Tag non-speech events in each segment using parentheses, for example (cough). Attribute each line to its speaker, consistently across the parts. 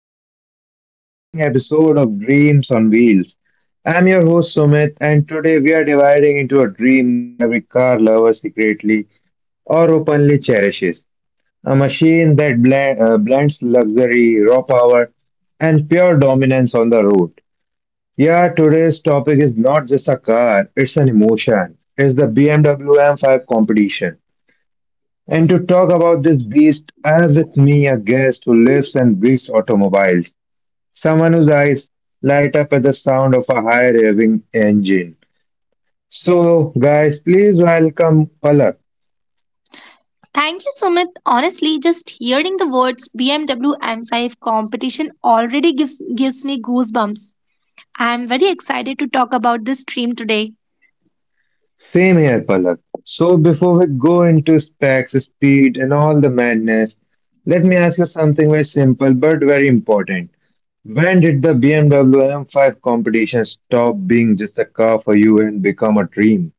Speaker 1: back to another exciting episode of Dreams on Wheels. I'm your host Sumit, and today we are dividing into a dream that every car lover secretly or openly cherishes a machine that blends luxury, raw power, and pure dominance on the road. Yeah, today's topic is not just a car, it's an emotion. It's the BMW M5 competition. And to talk about this beast, I have with me a guest who lives and breathes automobiles, someone whose eyes light up at the sound of a high revving engine. So, guys, please welcome Palak.
Speaker 2: Thank you, Sumit. Honestly, just hearing the words BMW M5 competition already gives me goosebumps. I am very excited to talk about this stream today.
Speaker 1: Same here, Palak. So, before we go into specs, speed, and all the madness, let me ask you something very simple but very important. When did the BMW M5 competition stop being just a car for you and become a dream?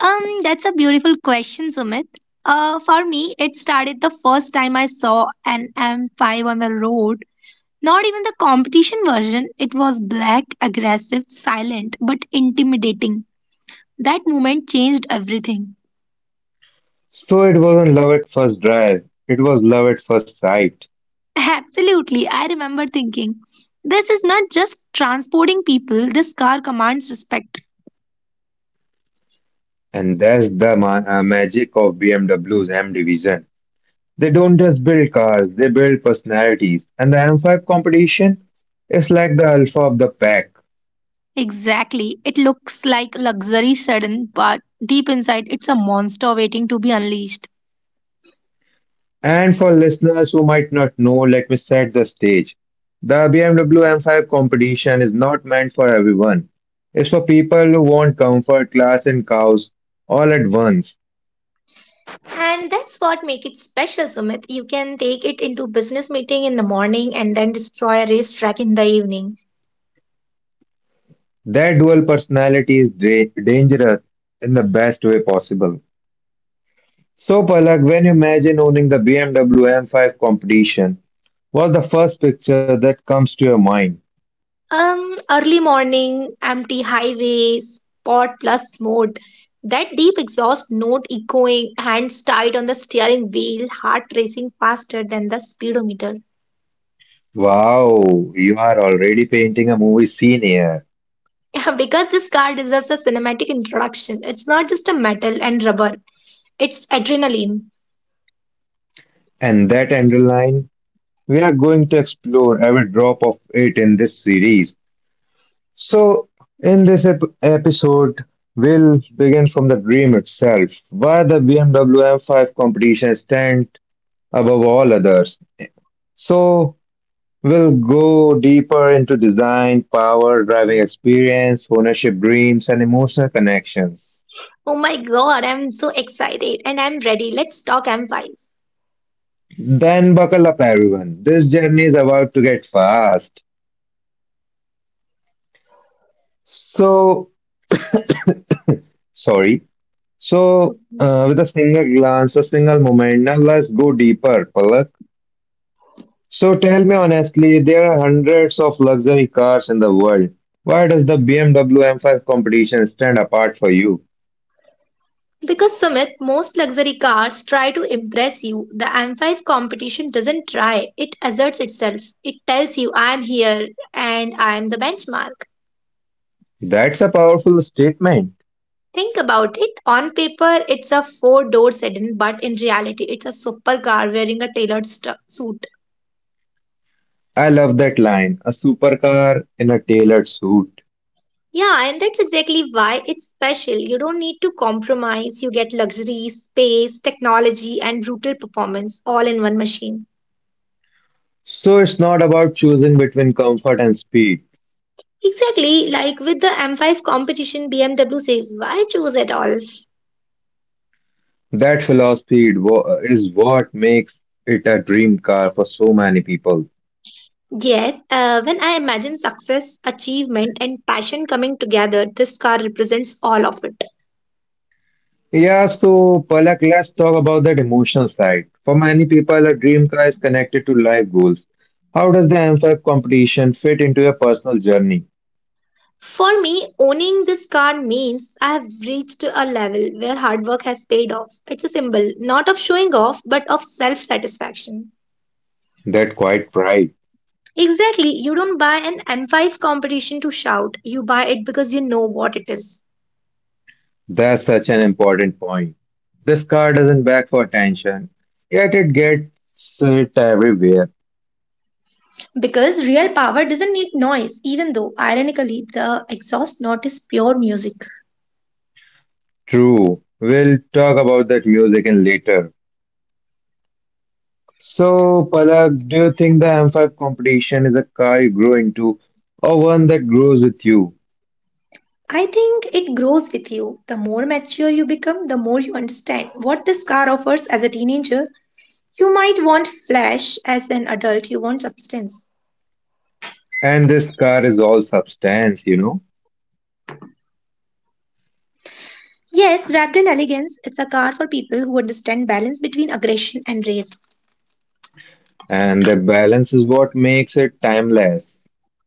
Speaker 2: That's a beautiful question, Sumit. For me, it started the first time I saw an M5 on the road. Not even the competition version. It was black, aggressive, silent, but intimidating. That moment changed everything.
Speaker 1: So it wasn't love at first drive, it was love at first sight.
Speaker 2: Absolutely, I remember thinking, this is not just transporting people, this car commands respect.
Speaker 1: And that's the magic of BMW's M division. They don't just build cars, they build personalities. And the M5 competition is like the alpha of the pack.
Speaker 2: Exactly, it looks like luxury sudden, but deep inside, it's a monster waiting to be unleashed.
Speaker 1: And for listeners who might not know, let me set the stage. The BMW M5 competition is not meant for everyone. It's for people who want comfort, class, and cows all at once.
Speaker 2: And that's what make it special, Sumit. You can take it into business meeting in the morning and then destroy a racetrack in the evening.
Speaker 1: Their dual personality is dangerous in the best way possible. So, Palak, when you imagine owning the BMW M5 competition, what's the first picture that comes to your mind?
Speaker 2: Early morning, empty highways, pot plus mode. That deep exhaust note echoing, hands tied on the steering wheel, heart racing faster than the speedometer.
Speaker 1: Wow, you are already painting a movie scene here.
Speaker 2: (laughs) Because this car deserves a cinematic introduction. It's not just a metal and rubber, it's adrenaline.
Speaker 1: And that underline, we are going to explore every drop of it in this series. So, in this episode, we'll begin from the dream itself, why the BMW M5 competition stands above all others. So we'll go deeper into design, power, driving experience, ownership dreams, and emotional connections.
Speaker 2: Oh my god, I'm so excited and I'm ready. Let's talk M5.
Speaker 1: Then buckle up, everyone. This journey is about to get fast. So, sorry.
Speaker 2: So
Speaker 1: With a single glance, a single moment, now let's go deeper, Palak. So, tell me honestly, there are hundreds of luxury cars in the world. Why does the BMW M5 competition stand apart for you?
Speaker 2: Because Sumit, most luxury cars try to impress you. The M5 competition doesn't try, it asserts itself. It tells you, I'm here and I'm the benchmark.
Speaker 1: That's a powerful statement.
Speaker 2: Think about it. On paper, it's a four-door sedan, but in reality, it's a supercar wearing a tailored suit.
Speaker 1: I love that line a supercar in a tailored suit.
Speaker 2: Yeah, and that's exactly why it's special. You don't need to compromise. You get luxury, space, technology, and brutal performance all in one machine.
Speaker 1: So it's not about choosing between comfort and speed.
Speaker 2: Exactly, like with the M5 competition, BMW says, why choose at all?
Speaker 1: That philosophy is what makes it a dream car for so many people.
Speaker 2: Yes, when I imagine success, achievement, and passion coming together, this car represents all of it.
Speaker 1: Yeah, so Palak, let's talk about that emotional side. For many people, a dream car is connected to life goals. How does the M5 competition fit into your personal journey?
Speaker 2: For me, owning this car means I have reached a level where hard work has paid off. It's a symbol, not of showing off, but of self satisfaction.
Speaker 1: That quite pride.
Speaker 2: Exactly, you don't buy an M5 competition to shout, you buy it because you know what it is.
Speaker 1: That's such an important point. This car doesn't beg for attention, yet it gets it everywhere.
Speaker 2: Because real power doesn't need noise, even though, ironically, the exhaust note is pure music.
Speaker 1: True. We'll talk about that music in later. So, Palak, do you think the M5 competition is a car you grow into or one that grows with you?
Speaker 2: I think it grows with you. The more mature you become, the more you understand what this car offers as a teenager. You might want flash, as an adult, you want substance.
Speaker 1: And this car is all substance, you know,
Speaker 2: Yes, wrapped in elegance, it's a car for people who understand balance between aggression and race.
Speaker 1: and the balance is what makes it timeless.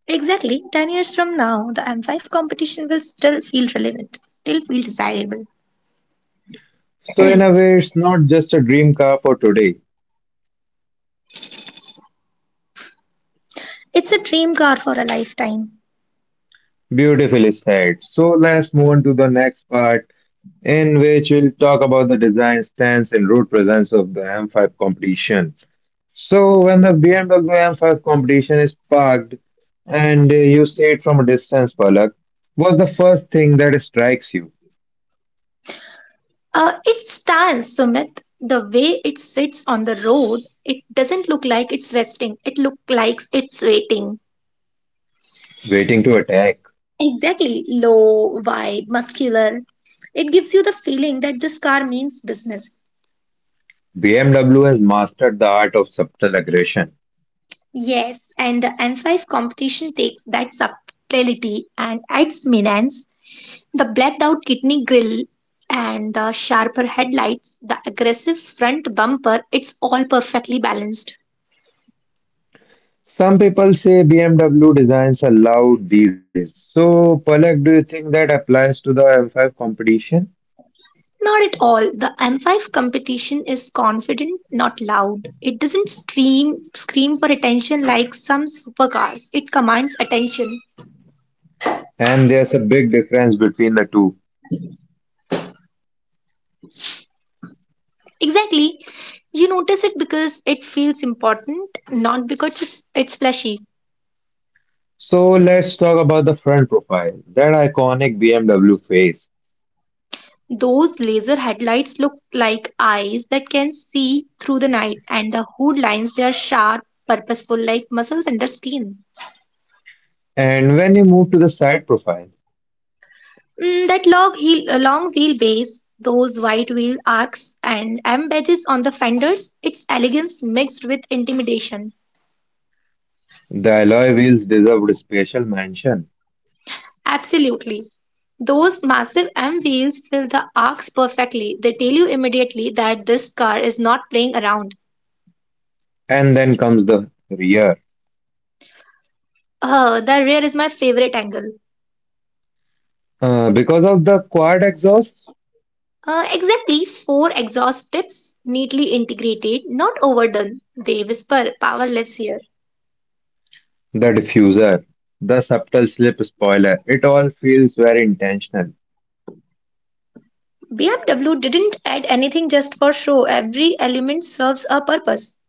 Speaker 2: Exactly, 10 years from now, the M5 competition will still feel relevant, still feel desirable.
Speaker 1: So, in a way, it's not just a dream car for today,
Speaker 2: It's a dream car for a lifetime.
Speaker 1: beautifully said. So let's move on to the next part, in which we'll talk about the design stance and road presence of the M5 competition. So when the BMW M5 competition is parked and you see it from a distance, Palak, what's the first thing that strikes you?
Speaker 2: It stands, Sumit. The way it sits on the road, it doesn't look like it's resting. It looks like it's waiting.
Speaker 1: Waiting to attack.
Speaker 2: Exactly. Low, wide, muscular. It gives you the feeling that this car means business.
Speaker 1: BMW has mastered the art of subtle aggression.
Speaker 2: Yes, and the M5 competition takes that subtlety and adds menace. The blacked out kidney grille and the sharper headlights, the aggressive front bumper, it's all perfectly balanced.
Speaker 1: Some people say BMW designs are loud these days. So, Palak, do you think that applies to the M5 competition?
Speaker 2: Not at all. The M5 competition is confident, not loud. It doesn't scream for attention like some supercars. It commands attention.
Speaker 1: And there's a big difference between the two.
Speaker 2: Exactly. You notice it because it feels important, not because it's flashy.
Speaker 1: So let's talk about the front profile, that iconic BMW face.
Speaker 2: Those laser headlights look like eyes that can see through the night, and the hood lines they are sharp, purposeful, like muscles under skin.
Speaker 1: And when you move to the side profile,
Speaker 2: Mm, that long heel, long wheelbase, those wide wheel arcs and M badges on the fenders, its elegance mixed with intimidation.
Speaker 1: the alloy wheels deserved a special mention.
Speaker 2: Absolutely. Those massive M wheels fill the arcs perfectly. They tell you immediately that this car is not playing around.
Speaker 1: And then comes the rear.
Speaker 2: The rear is my favorite angle.
Speaker 1: Because of the quad exhaust,
Speaker 2: Exactly four exhaust tips, neatly integrated, not overdone. They whisper, power lives here.
Speaker 1: the diffuser, the subtle slip spoiler, it all feels very intentional.
Speaker 2: BMW didn't add anything just for show, every element serves a purpose.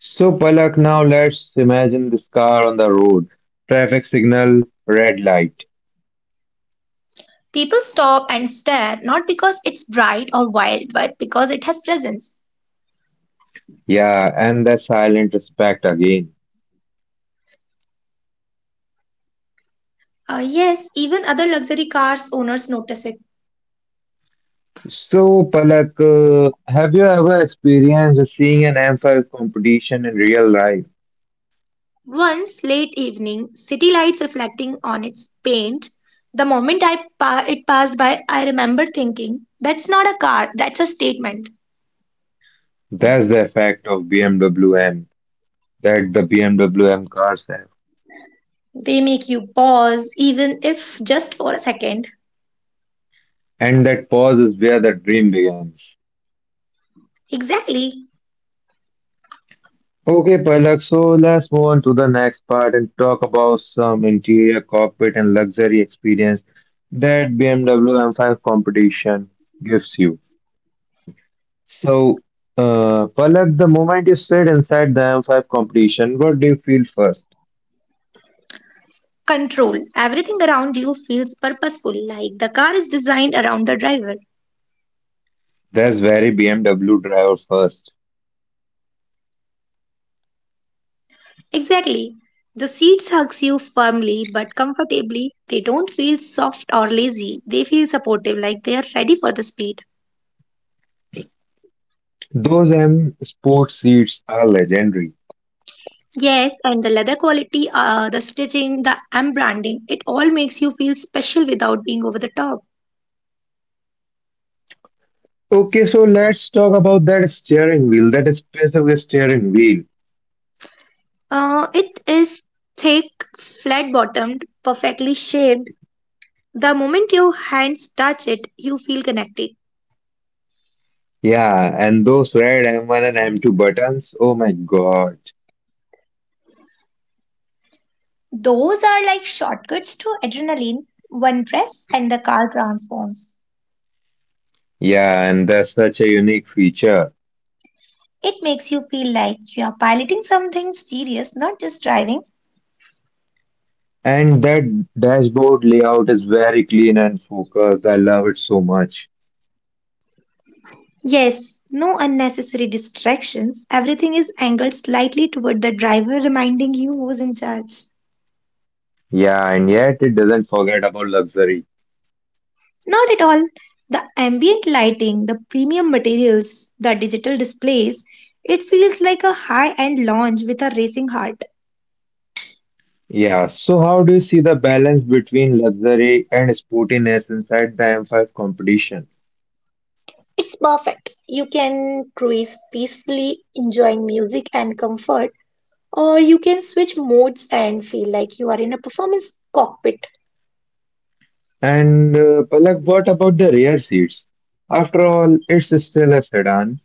Speaker 1: So, Palak, now let's imagine this car on the road. Traffic signal, red light.
Speaker 2: People stop and stare not because it's bright or wild, but because it has presence.
Speaker 1: Yeah, and the silent respect again.
Speaker 2: Yes, even other luxury cars owners notice it.
Speaker 1: So, Palak, have you ever experienced seeing an M5 competition in real life?
Speaker 2: Once late evening, city lights reflecting on its paint. The moment it passed by, I remember thinking, "That's not a car. That's a statement."
Speaker 1: That's the effect of BMW M W M that the BMW MWM cars have.
Speaker 2: They make you pause, even if just for a second.
Speaker 1: And that pause is where the dream begins.
Speaker 2: Exactly.
Speaker 1: Okay, Palak, so let's move on to the next part and talk about some interior, cockpit, and luxury experience that BMW M5 competition gives you. So, Palak, the moment you sit inside the M5 competition, what do you feel first?
Speaker 2: Control. Everything around you feels purposeful, like the car is designed around the driver.
Speaker 1: That's very BMW driver first.
Speaker 2: Exactly. The seats hugs you firmly but comfortably. They don't feel soft or lazy. They feel supportive, like they are ready for the speed.
Speaker 1: Those M sport seats are legendary.
Speaker 2: Yes, and the leather quality, the stitching, the M it all makes you feel special without being over the top.
Speaker 1: Okay, so let's talk about that steering wheel, that specific steering wheel.
Speaker 2: It is thick, flat bottomed, perfectly shaped. The moment your hands touch it, you feel connected.
Speaker 1: Yeah, and those red M1 and M2 buttons. Oh my God.
Speaker 2: Those are like shortcuts to adrenaline. One press and the car transforms.
Speaker 1: Yeah, and that's such a unique feature.
Speaker 2: It makes you feel like you are piloting something serious, not just driving.
Speaker 1: And that dashboard layout is very clean and focused. I love it so much.
Speaker 2: Yes, no unnecessary distractions. Everything is angled slightly toward the driver, reminding you who's in charge.
Speaker 1: Yeah, and yet it doesn't forget about luxury.
Speaker 2: Not at all. The ambient lighting, the premium materials, the digital displays, it feels like a high end lounge with a racing heart.
Speaker 1: Yeah, so how do you see the balance between luxury and sportiness inside the M5 competition?
Speaker 2: It's perfect. You can cruise peacefully, enjoying music and comfort, or you can switch modes and feel like you are in a performance cockpit.
Speaker 1: And Palak, what about the rear seats? After all, it's still a sedan.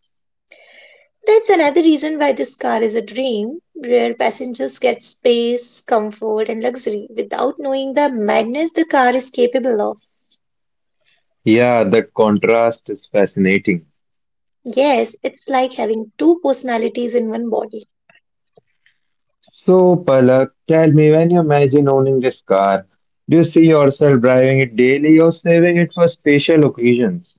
Speaker 2: That's another reason why this car is a dream, where passengers get space, comfort, and luxury without knowing the madness the car is capable of.
Speaker 1: Yeah, the contrast is fascinating.
Speaker 2: Yes, it's like having two personalities in one body.
Speaker 1: So, Palak, tell me when you imagine owning this car, do you see yourself driving it daily or saving it for special occasions?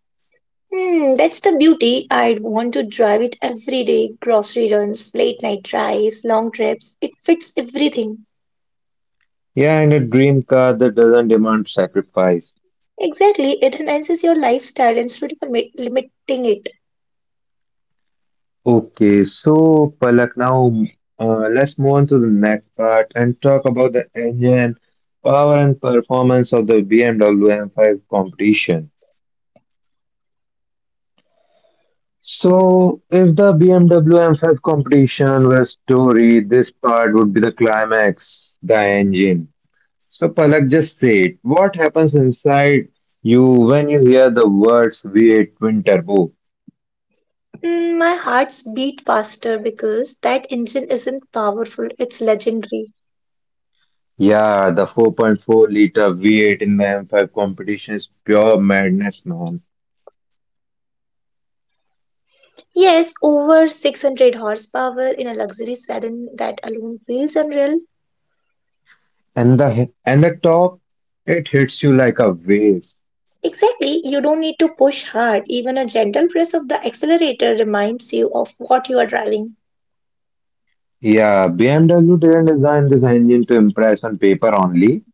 Speaker 2: Hmm, that's the beauty. I'd want to drive it every day. Grocery runs, late night drives, long trips. It fits everything.
Speaker 1: Yeah, and a dream car that doesn't demand sacrifice.
Speaker 2: Exactly, it enhances your lifestyle instead of limiting it.
Speaker 1: Okay, so Palak, now let's move on to the next part and talk about the engine, power, and performance of the BMW M5 competition. So, if the BMW M5 competition were story, this part would be the climax, the engine. So, Palak, just say it. What happens inside you when you hear the words V8 twin turbo?
Speaker 2: Mm, my hearts beat faster because that engine isn't powerful, it's legendary.
Speaker 1: Yeah, the 4.4-liter V8 in the M5 competition is pure madness, man.
Speaker 2: Yes, over 600 horsepower in a luxury sedan that alone feels unreal.
Speaker 1: And the top, it hits you like a wave.
Speaker 2: Exactly, you don't need to push hard, even a gentle press of the accelerator reminds you of what you are driving.
Speaker 1: Yeah, BMW didn't design this engine to impress on paper only.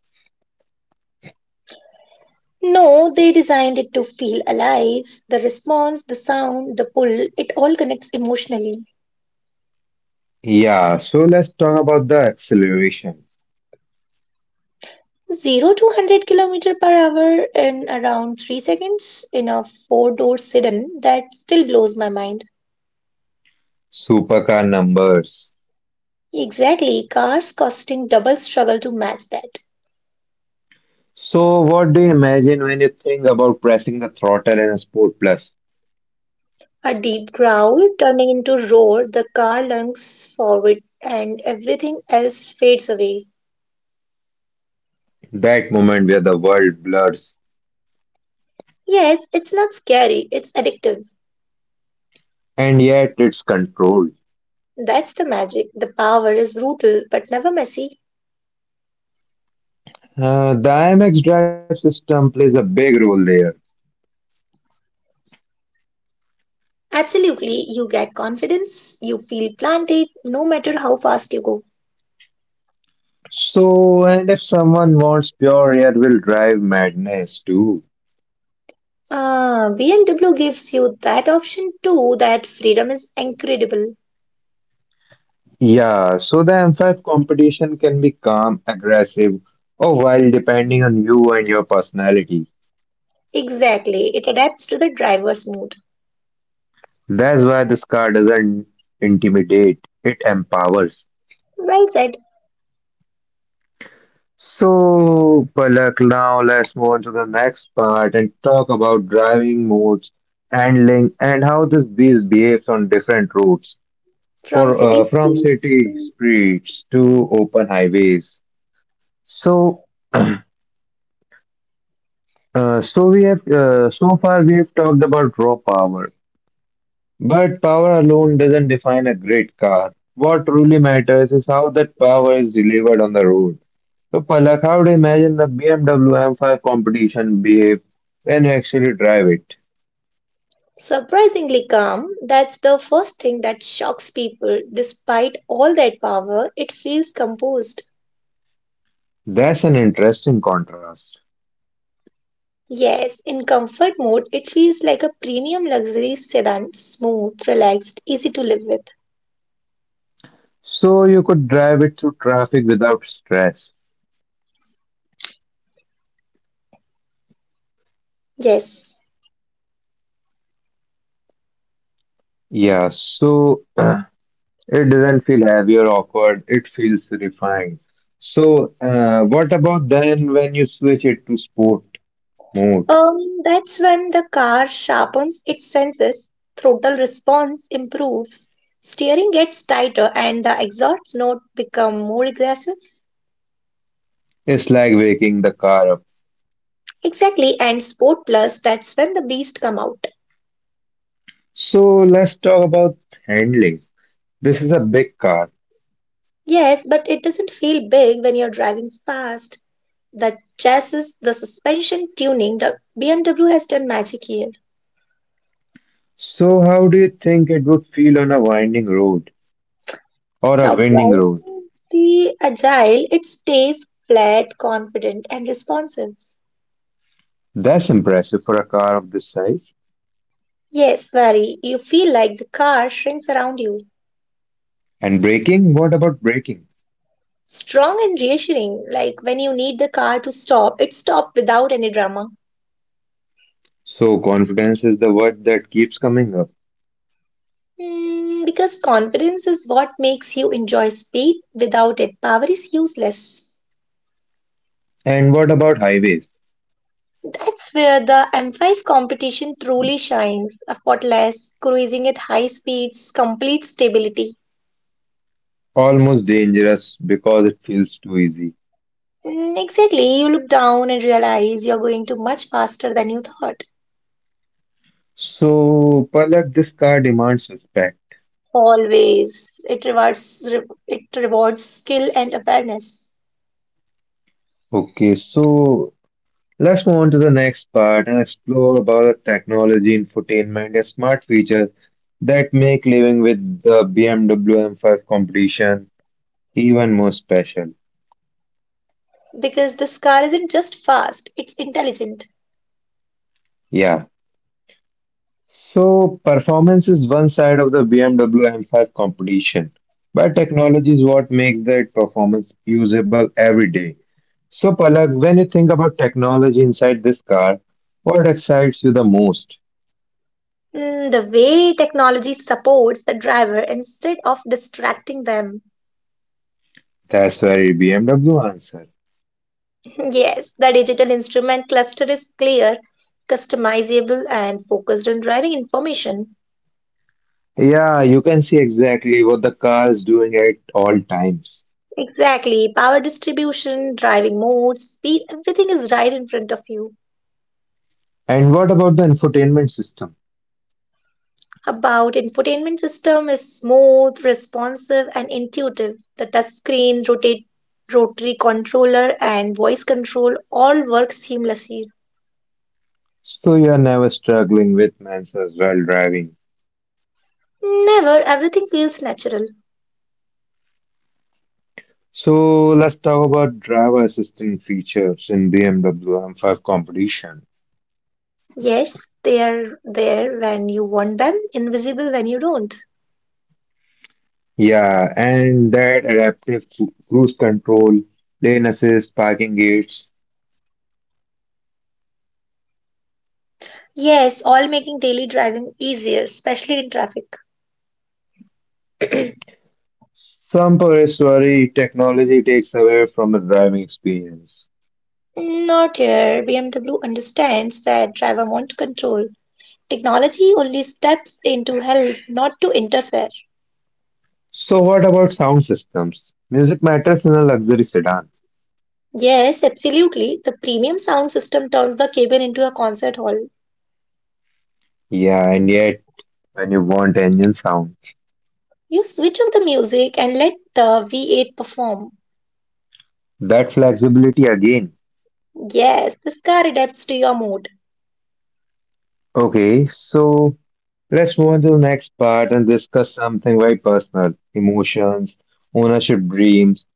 Speaker 2: No, they designed it to feel alive. The response, the sound, the pull, it all connects emotionally.
Speaker 1: Yeah, so let's talk about the acceleration.
Speaker 2: 0 to 100 kilometer per hour in around 3 seconds in a four-door sedan that still blows my mind.
Speaker 1: Supercar numbers.
Speaker 2: Exactly, cars costing double struggle to match that.
Speaker 1: So, what do you imagine when you think about pressing the throttle in a Sport Plus?
Speaker 2: A deep growl turning into roar, the car lunges forward and everything else fades away.
Speaker 1: That moment where the world blurs,
Speaker 2: Yes, it's not scary, it's addictive.
Speaker 1: and yet it's controlled.
Speaker 2: That's the magic. The power is brutal but never messy.
Speaker 1: The IMX drive system plays a big role there.
Speaker 2: Absolutely, you get confidence, you feel planted no matter how fast you go.
Speaker 1: So, and if someone wants pure rear wheel drive madness too.
Speaker 2: Ah, BMW gives you that option too. That freedom is incredible.
Speaker 1: Yeah, so the M5 competition can be calm, aggressive, or wild depending on you and your personality.
Speaker 2: Exactly. It adapts to the driver's mood.
Speaker 1: That's why this car doesn't intimidate, it empowers.
Speaker 2: Well said.
Speaker 1: So, Palak, now let's move on to the next part and talk about driving modes, handling, and how this beast behaves on different roads. For
Speaker 2: From city
Speaker 1: from
Speaker 2: streets
Speaker 1: city
Speaker 2: to
Speaker 1: streets to open highways. So, (clears throat) so far we have talked about raw power, but power alone doesn't define a great car. What truly matters is how that power is delivered on the road. So, Palak, how do you imagine the BMW M5 competition behave when you actually drive it?
Speaker 2: surprisingly calm, that's the first thing that shocks people. Despite all that power, it feels composed.
Speaker 1: That's an interesting contrast.
Speaker 2: Yes, in comfort mode, it feels like a premium luxury sedan, smooth, relaxed, easy to live with.
Speaker 1: So you could drive it through traffic without stress.
Speaker 2: Yes.
Speaker 1: Yeah, so (clears throat) it doesn't feel heavy or awkward. It feels refined. So, what about then when you switch it to sport mode?
Speaker 2: Um, that's when the car sharpens its senses, throttle response improves, steering gets tighter, and the exhaust note become more aggressive.
Speaker 1: It's like waking the car up.
Speaker 2: Exactly, and Sport Plus, that's when the beast come out.
Speaker 1: So, let's talk about handling. This is a big car.
Speaker 2: Yes, but it doesn't feel big when you're driving fast. The chassis, the suspension tuning, the BMW has done magic here.
Speaker 1: So, how do you think it would feel on a winding road or a winding road?
Speaker 2: Surprisingly agile, it stays flat, confident, and responsive.
Speaker 1: That's impressive for a car of this size.
Speaker 2: Yes, very. You feel like the car shrinks around you.
Speaker 1: And braking? What about braking?
Speaker 2: Strong and reassuring, like when you need the car to stop, it stops without any drama.
Speaker 1: So, confidence is the word that keeps coming up.
Speaker 2: Hmm, because confidence is what makes you enjoy speed. Without it, power is useless.
Speaker 1: And what about highways?
Speaker 2: That's where the M5 competition truly shines. Effortless, cruising at high speeds, complete stability.
Speaker 1: Almost dangerous because it feels too easy.
Speaker 2: Hmm, exactly, you look down and realize you're going to much faster than you thought.
Speaker 1: So, Palak, this car demands respect.
Speaker 2: Always. It rewards it rewards skill and awareness
Speaker 1: Okay, so let's move on to the next part and explore about the technology, infotainment, and smart features that make living with the BMW M5 competition even more special.
Speaker 2: because this car isn't just fast, it's intelligent.
Speaker 1: Yeah. So, performance is one side of the BMW M5 competition, but technology is what makes that performance usable every day. So, Palak, when you think about technology inside this car, what excites you the most?
Speaker 2: Mm, the way technology supports the driver instead of distracting them.
Speaker 1: That's very BMW answer.
Speaker 2: (laughs) Yes, the digital instrument cluster is clear, customizable, and focused on driving information.
Speaker 1: Yeah, you can see exactly what the car is doing at all times.
Speaker 2: Exactly. Power distribution, driving modes, speed, everything is right in front of you.
Speaker 1: And what about the infotainment system?
Speaker 2: About infotainment system is smooth, responsive, and intuitive. The touchscreen, rotary controller, and voice control all work seamlessly.
Speaker 1: So you are never struggling with menus while driving.
Speaker 2: Never everything feels natural.
Speaker 1: So let's talk about driver assistant features in BMW M5 competition.
Speaker 2: Yes, they are there when you want them, invisible when you don't.
Speaker 1: Yeah, and that cruise control, lane assist, parking gates,
Speaker 2: Yes, all making daily driving easier, especially in traffic.
Speaker 1: some parents worry technology takes away from the driving experience.
Speaker 2: Not here. BMW understands that driver won't control. Technology only steps in to help, not to interfere.
Speaker 1: So, what about sound systems? Music matters in a luxury sedan.
Speaker 2: Yes, absolutely. The premium sound system turns the cabin into a concert hall.
Speaker 1: Yeah, and yet, when you want engine sound,
Speaker 2: You switch off the music and let the V8 perform.
Speaker 1: that flexibility again.
Speaker 2: Yes, this car adapts to your mood.
Speaker 1: Okay, so let's move on to the next part and discuss something very personal emotions, ownership dreams,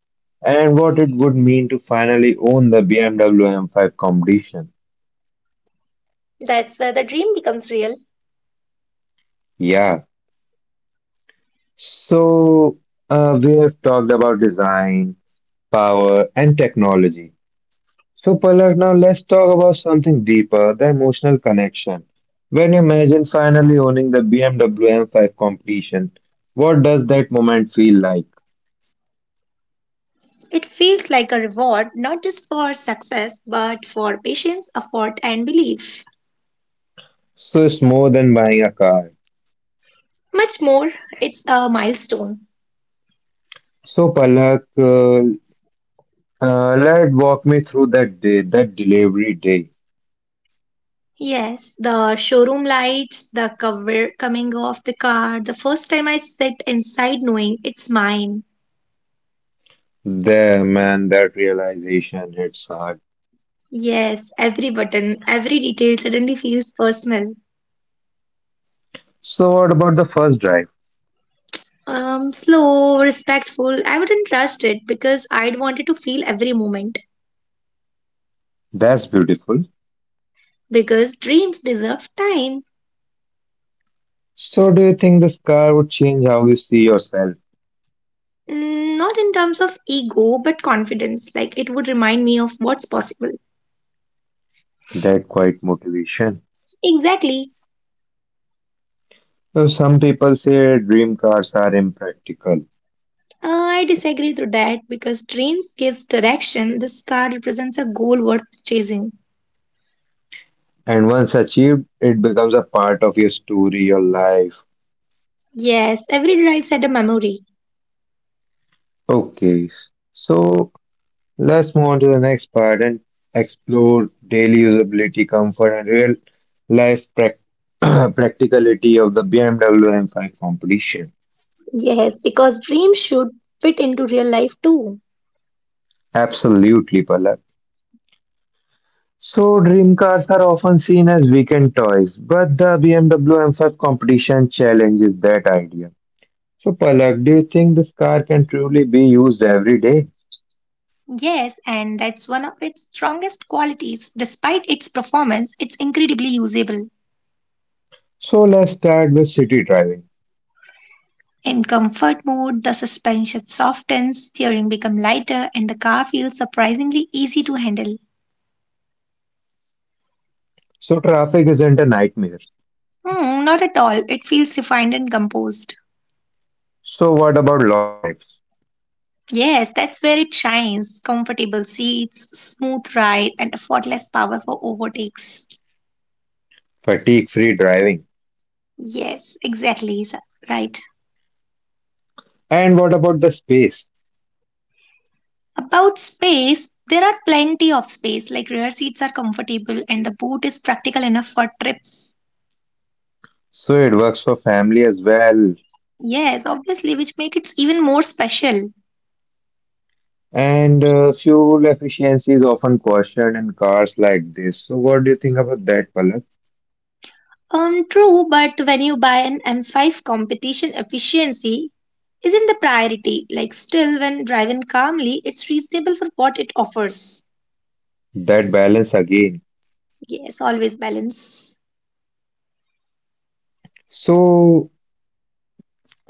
Speaker 1: and what it would mean to finally own the BMW M5 competition.
Speaker 2: That's where the dream becomes real.
Speaker 1: Yeah, so we have talked about design power, and technology. So, Palak, now let's talk about something deeper the emotional connection. When you imagine finally owning the BMW M5 competition, what does that moment feel like?
Speaker 2: It feels like a reward, not just for success, but for patience, effort, and belief.
Speaker 1: So, it's more than buying a car.
Speaker 2: Much more, it's a milestone.
Speaker 1: So, Palak, let walk me through that day, that delivery day.
Speaker 2: Yes, the showroom lights, the cover coming off the car, the first time I sit inside knowing it's mine.
Speaker 1: There, man, that realization hits hard.
Speaker 2: Yes, every button, every detail suddenly feels personal.
Speaker 1: So, what about the first drive?
Speaker 2: Slow, respectful. I wouldn't rush it because I'd wanted to feel every moment.
Speaker 1: That's beautiful.
Speaker 2: Because dreams deserve time.
Speaker 1: So, do you think this car would change how you see yourself?
Speaker 2: Mm, not in terms of ego, but confidence. Like it would remind me of what's possible.
Speaker 1: That quite motivation.
Speaker 2: Exactly.
Speaker 1: Though some people say dream cars are impractical,
Speaker 2: I disagree to that because dreams gives direction. This car represents a goal worth chasing.
Speaker 1: and once achieved, it becomes a part of your story, your life.
Speaker 2: Yes, every drive had a memory.
Speaker 1: Okay, so let's move on to the next part and explore daily usability, comfort, and real life (clears throat) practicality of the BMW M5 competition.
Speaker 2: Yes, because dreams should fit into real life too.
Speaker 1: Absolutely, Palak. So, dream cars are often seen as weekend toys, but the BMW M5 competition challenges that idea. So, Palak, do you think this car can truly be used every day?
Speaker 2: Yes, and that's one of its strongest qualities. Despite its performance, it's incredibly usable.
Speaker 1: So, let's start with city driving.
Speaker 2: In comfort mode, the suspension softens, steering becomes lighter, and the car feels surprisingly easy to handle.
Speaker 1: So, traffic isn't a nightmare.
Speaker 2: Hmm, not at all. It feels refined and composed.
Speaker 1: So, what about long drives?
Speaker 2: Yes, that's where it shines. Comfortable seats, smooth ride, and effortless power for overtakes.
Speaker 1: Fatigue free driving.
Speaker 2: Yes, exactly, sir. Right.
Speaker 1: And what about the space?
Speaker 2: About space, there are plenty of space, like rear seats are comfortable and the boot is practical enough for trips.
Speaker 1: So, it works for family as well.
Speaker 2: Yes, obviously, which make it even more special.
Speaker 1: And Fuel efficiency is often questioned in cars like this. So, what do you think about that, Palak?
Speaker 2: True, but when you buy an M5 competition efficiency isn't the priority. Like still when driving calmly, it's reasonable for what it offers.
Speaker 1: That balance again.
Speaker 2: Yes, always balance.
Speaker 1: So,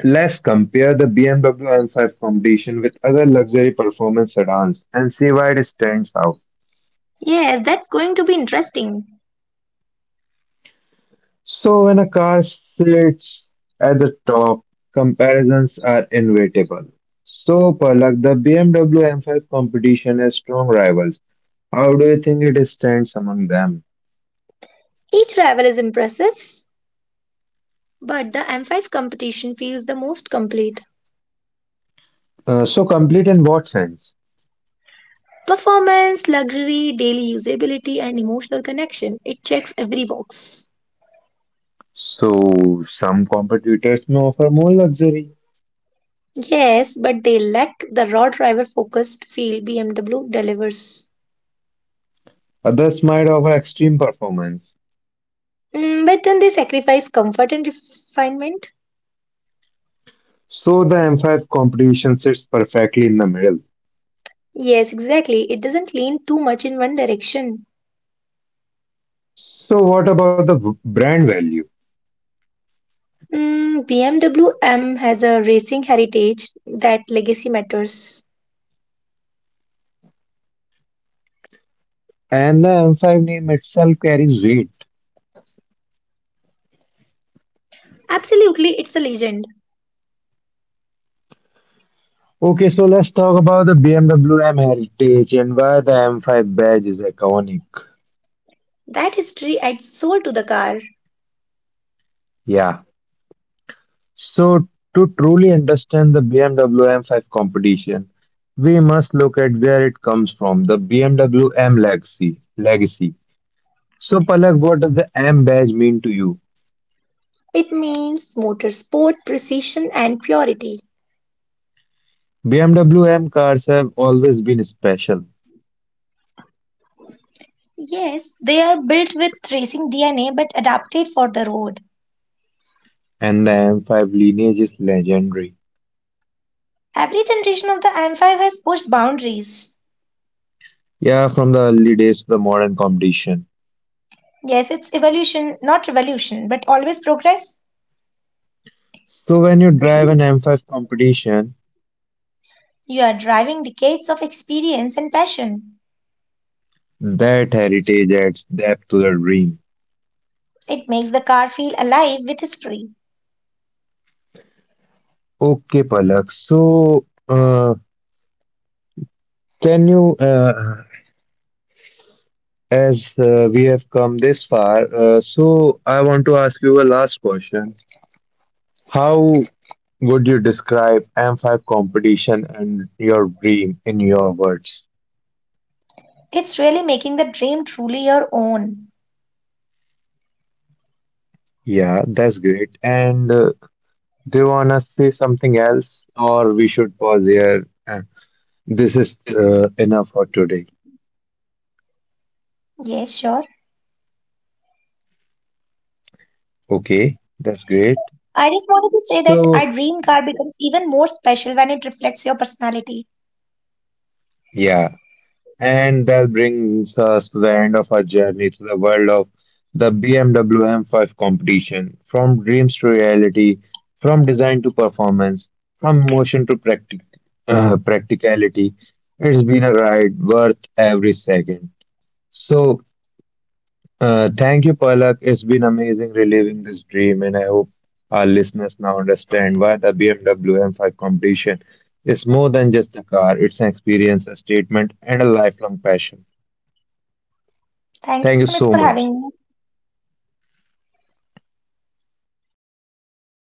Speaker 1: let's compare the BMW M5 competition with other luxury performance sedans and see why it stands out.
Speaker 2: Yes, that's going to be interesting.
Speaker 1: So, when a car sits at the top, comparisons are inevitable. So, Palak, the BMW M5 competition has strong rivals. How do you think it stands among them?
Speaker 2: Each rival is impressive, but the M5 competition feels the most complete.
Speaker 1: Complete in what sense?
Speaker 2: Performance, luxury, daily usability, and emotional connection. It checks every box.
Speaker 1: So, some competitors may offer more luxury,
Speaker 2: Yes, but they lack the raw driver focused feel BMW delivers.
Speaker 1: others might offer extreme performance.
Speaker 2: Mm, but then they sacrifice comfort and refinement.
Speaker 1: So the M5 competition sits perfectly in the middle.
Speaker 2: Yes, exactly. It doesn't lean too much in one direction.
Speaker 1: So what about the brand value?
Speaker 2: Mm, BMW MWM has a racing heritage that legacy matters.
Speaker 1: And the M5 name itself carries weight.
Speaker 2: Absolutely, it's a legend.
Speaker 1: Okay, so let's talk about the BMW MWM heritage and why the M5 badge is iconic.
Speaker 2: That history adds soul to the car.
Speaker 1: Yeah. So to truly understand the BMW M5 competition, we must look at where it comes from, the BMW MWM legacy. Legacy. So Palak, what does the M badge mean to you?
Speaker 2: It means motorsport, precision, and purity.
Speaker 1: BMW MWM cars have always been special.
Speaker 2: Yes, they are built with racing DNA but adapted for the road.
Speaker 1: And the M5 lineage is legendary.
Speaker 2: Every generation of the M5 has pushed boundaries.
Speaker 1: Yeah, from the early days to the modern competition.
Speaker 2: Yes, it's evolution, not revolution, but always progress.
Speaker 1: So when you
Speaker 2: (clears throat)
Speaker 1: drive an M5 competition,
Speaker 2: You are driving decades of experience and passion.
Speaker 1: that heritage adds depth to the dream.
Speaker 2: It makes the car feel alive with history.
Speaker 1: Okay, Palak. So can you, as we have come this far, so I want to ask you a last question. How would you describe M5 competition and your dream in your words?
Speaker 2: It's really making the dream truly your own.
Speaker 1: Yeah, that's great. And Do you want to say something else, or we should pause here? This is enough for today.
Speaker 2: Yes, sure.
Speaker 1: Okay, that's great.
Speaker 2: I just wanted to say that our
Speaker 1: So,
Speaker 2: dream car becomes even more special when it reflects your personality.
Speaker 1: yeah, and that brings us to the end of our journey to the world of the BMW M5 competition from dreams to reality, from design to performance, from motion to practicality. It's been a ride worth every second. So, thank you, Palak. It's been amazing reliving this dream, and I hope our listeners now understand why the BMW M5 competition is more than just a car. It's an experience, a statement, and a lifelong passion.
Speaker 2: Thank you, Sumit, for
Speaker 1: Thank you
Speaker 2: having me.
Speaker 1: so much.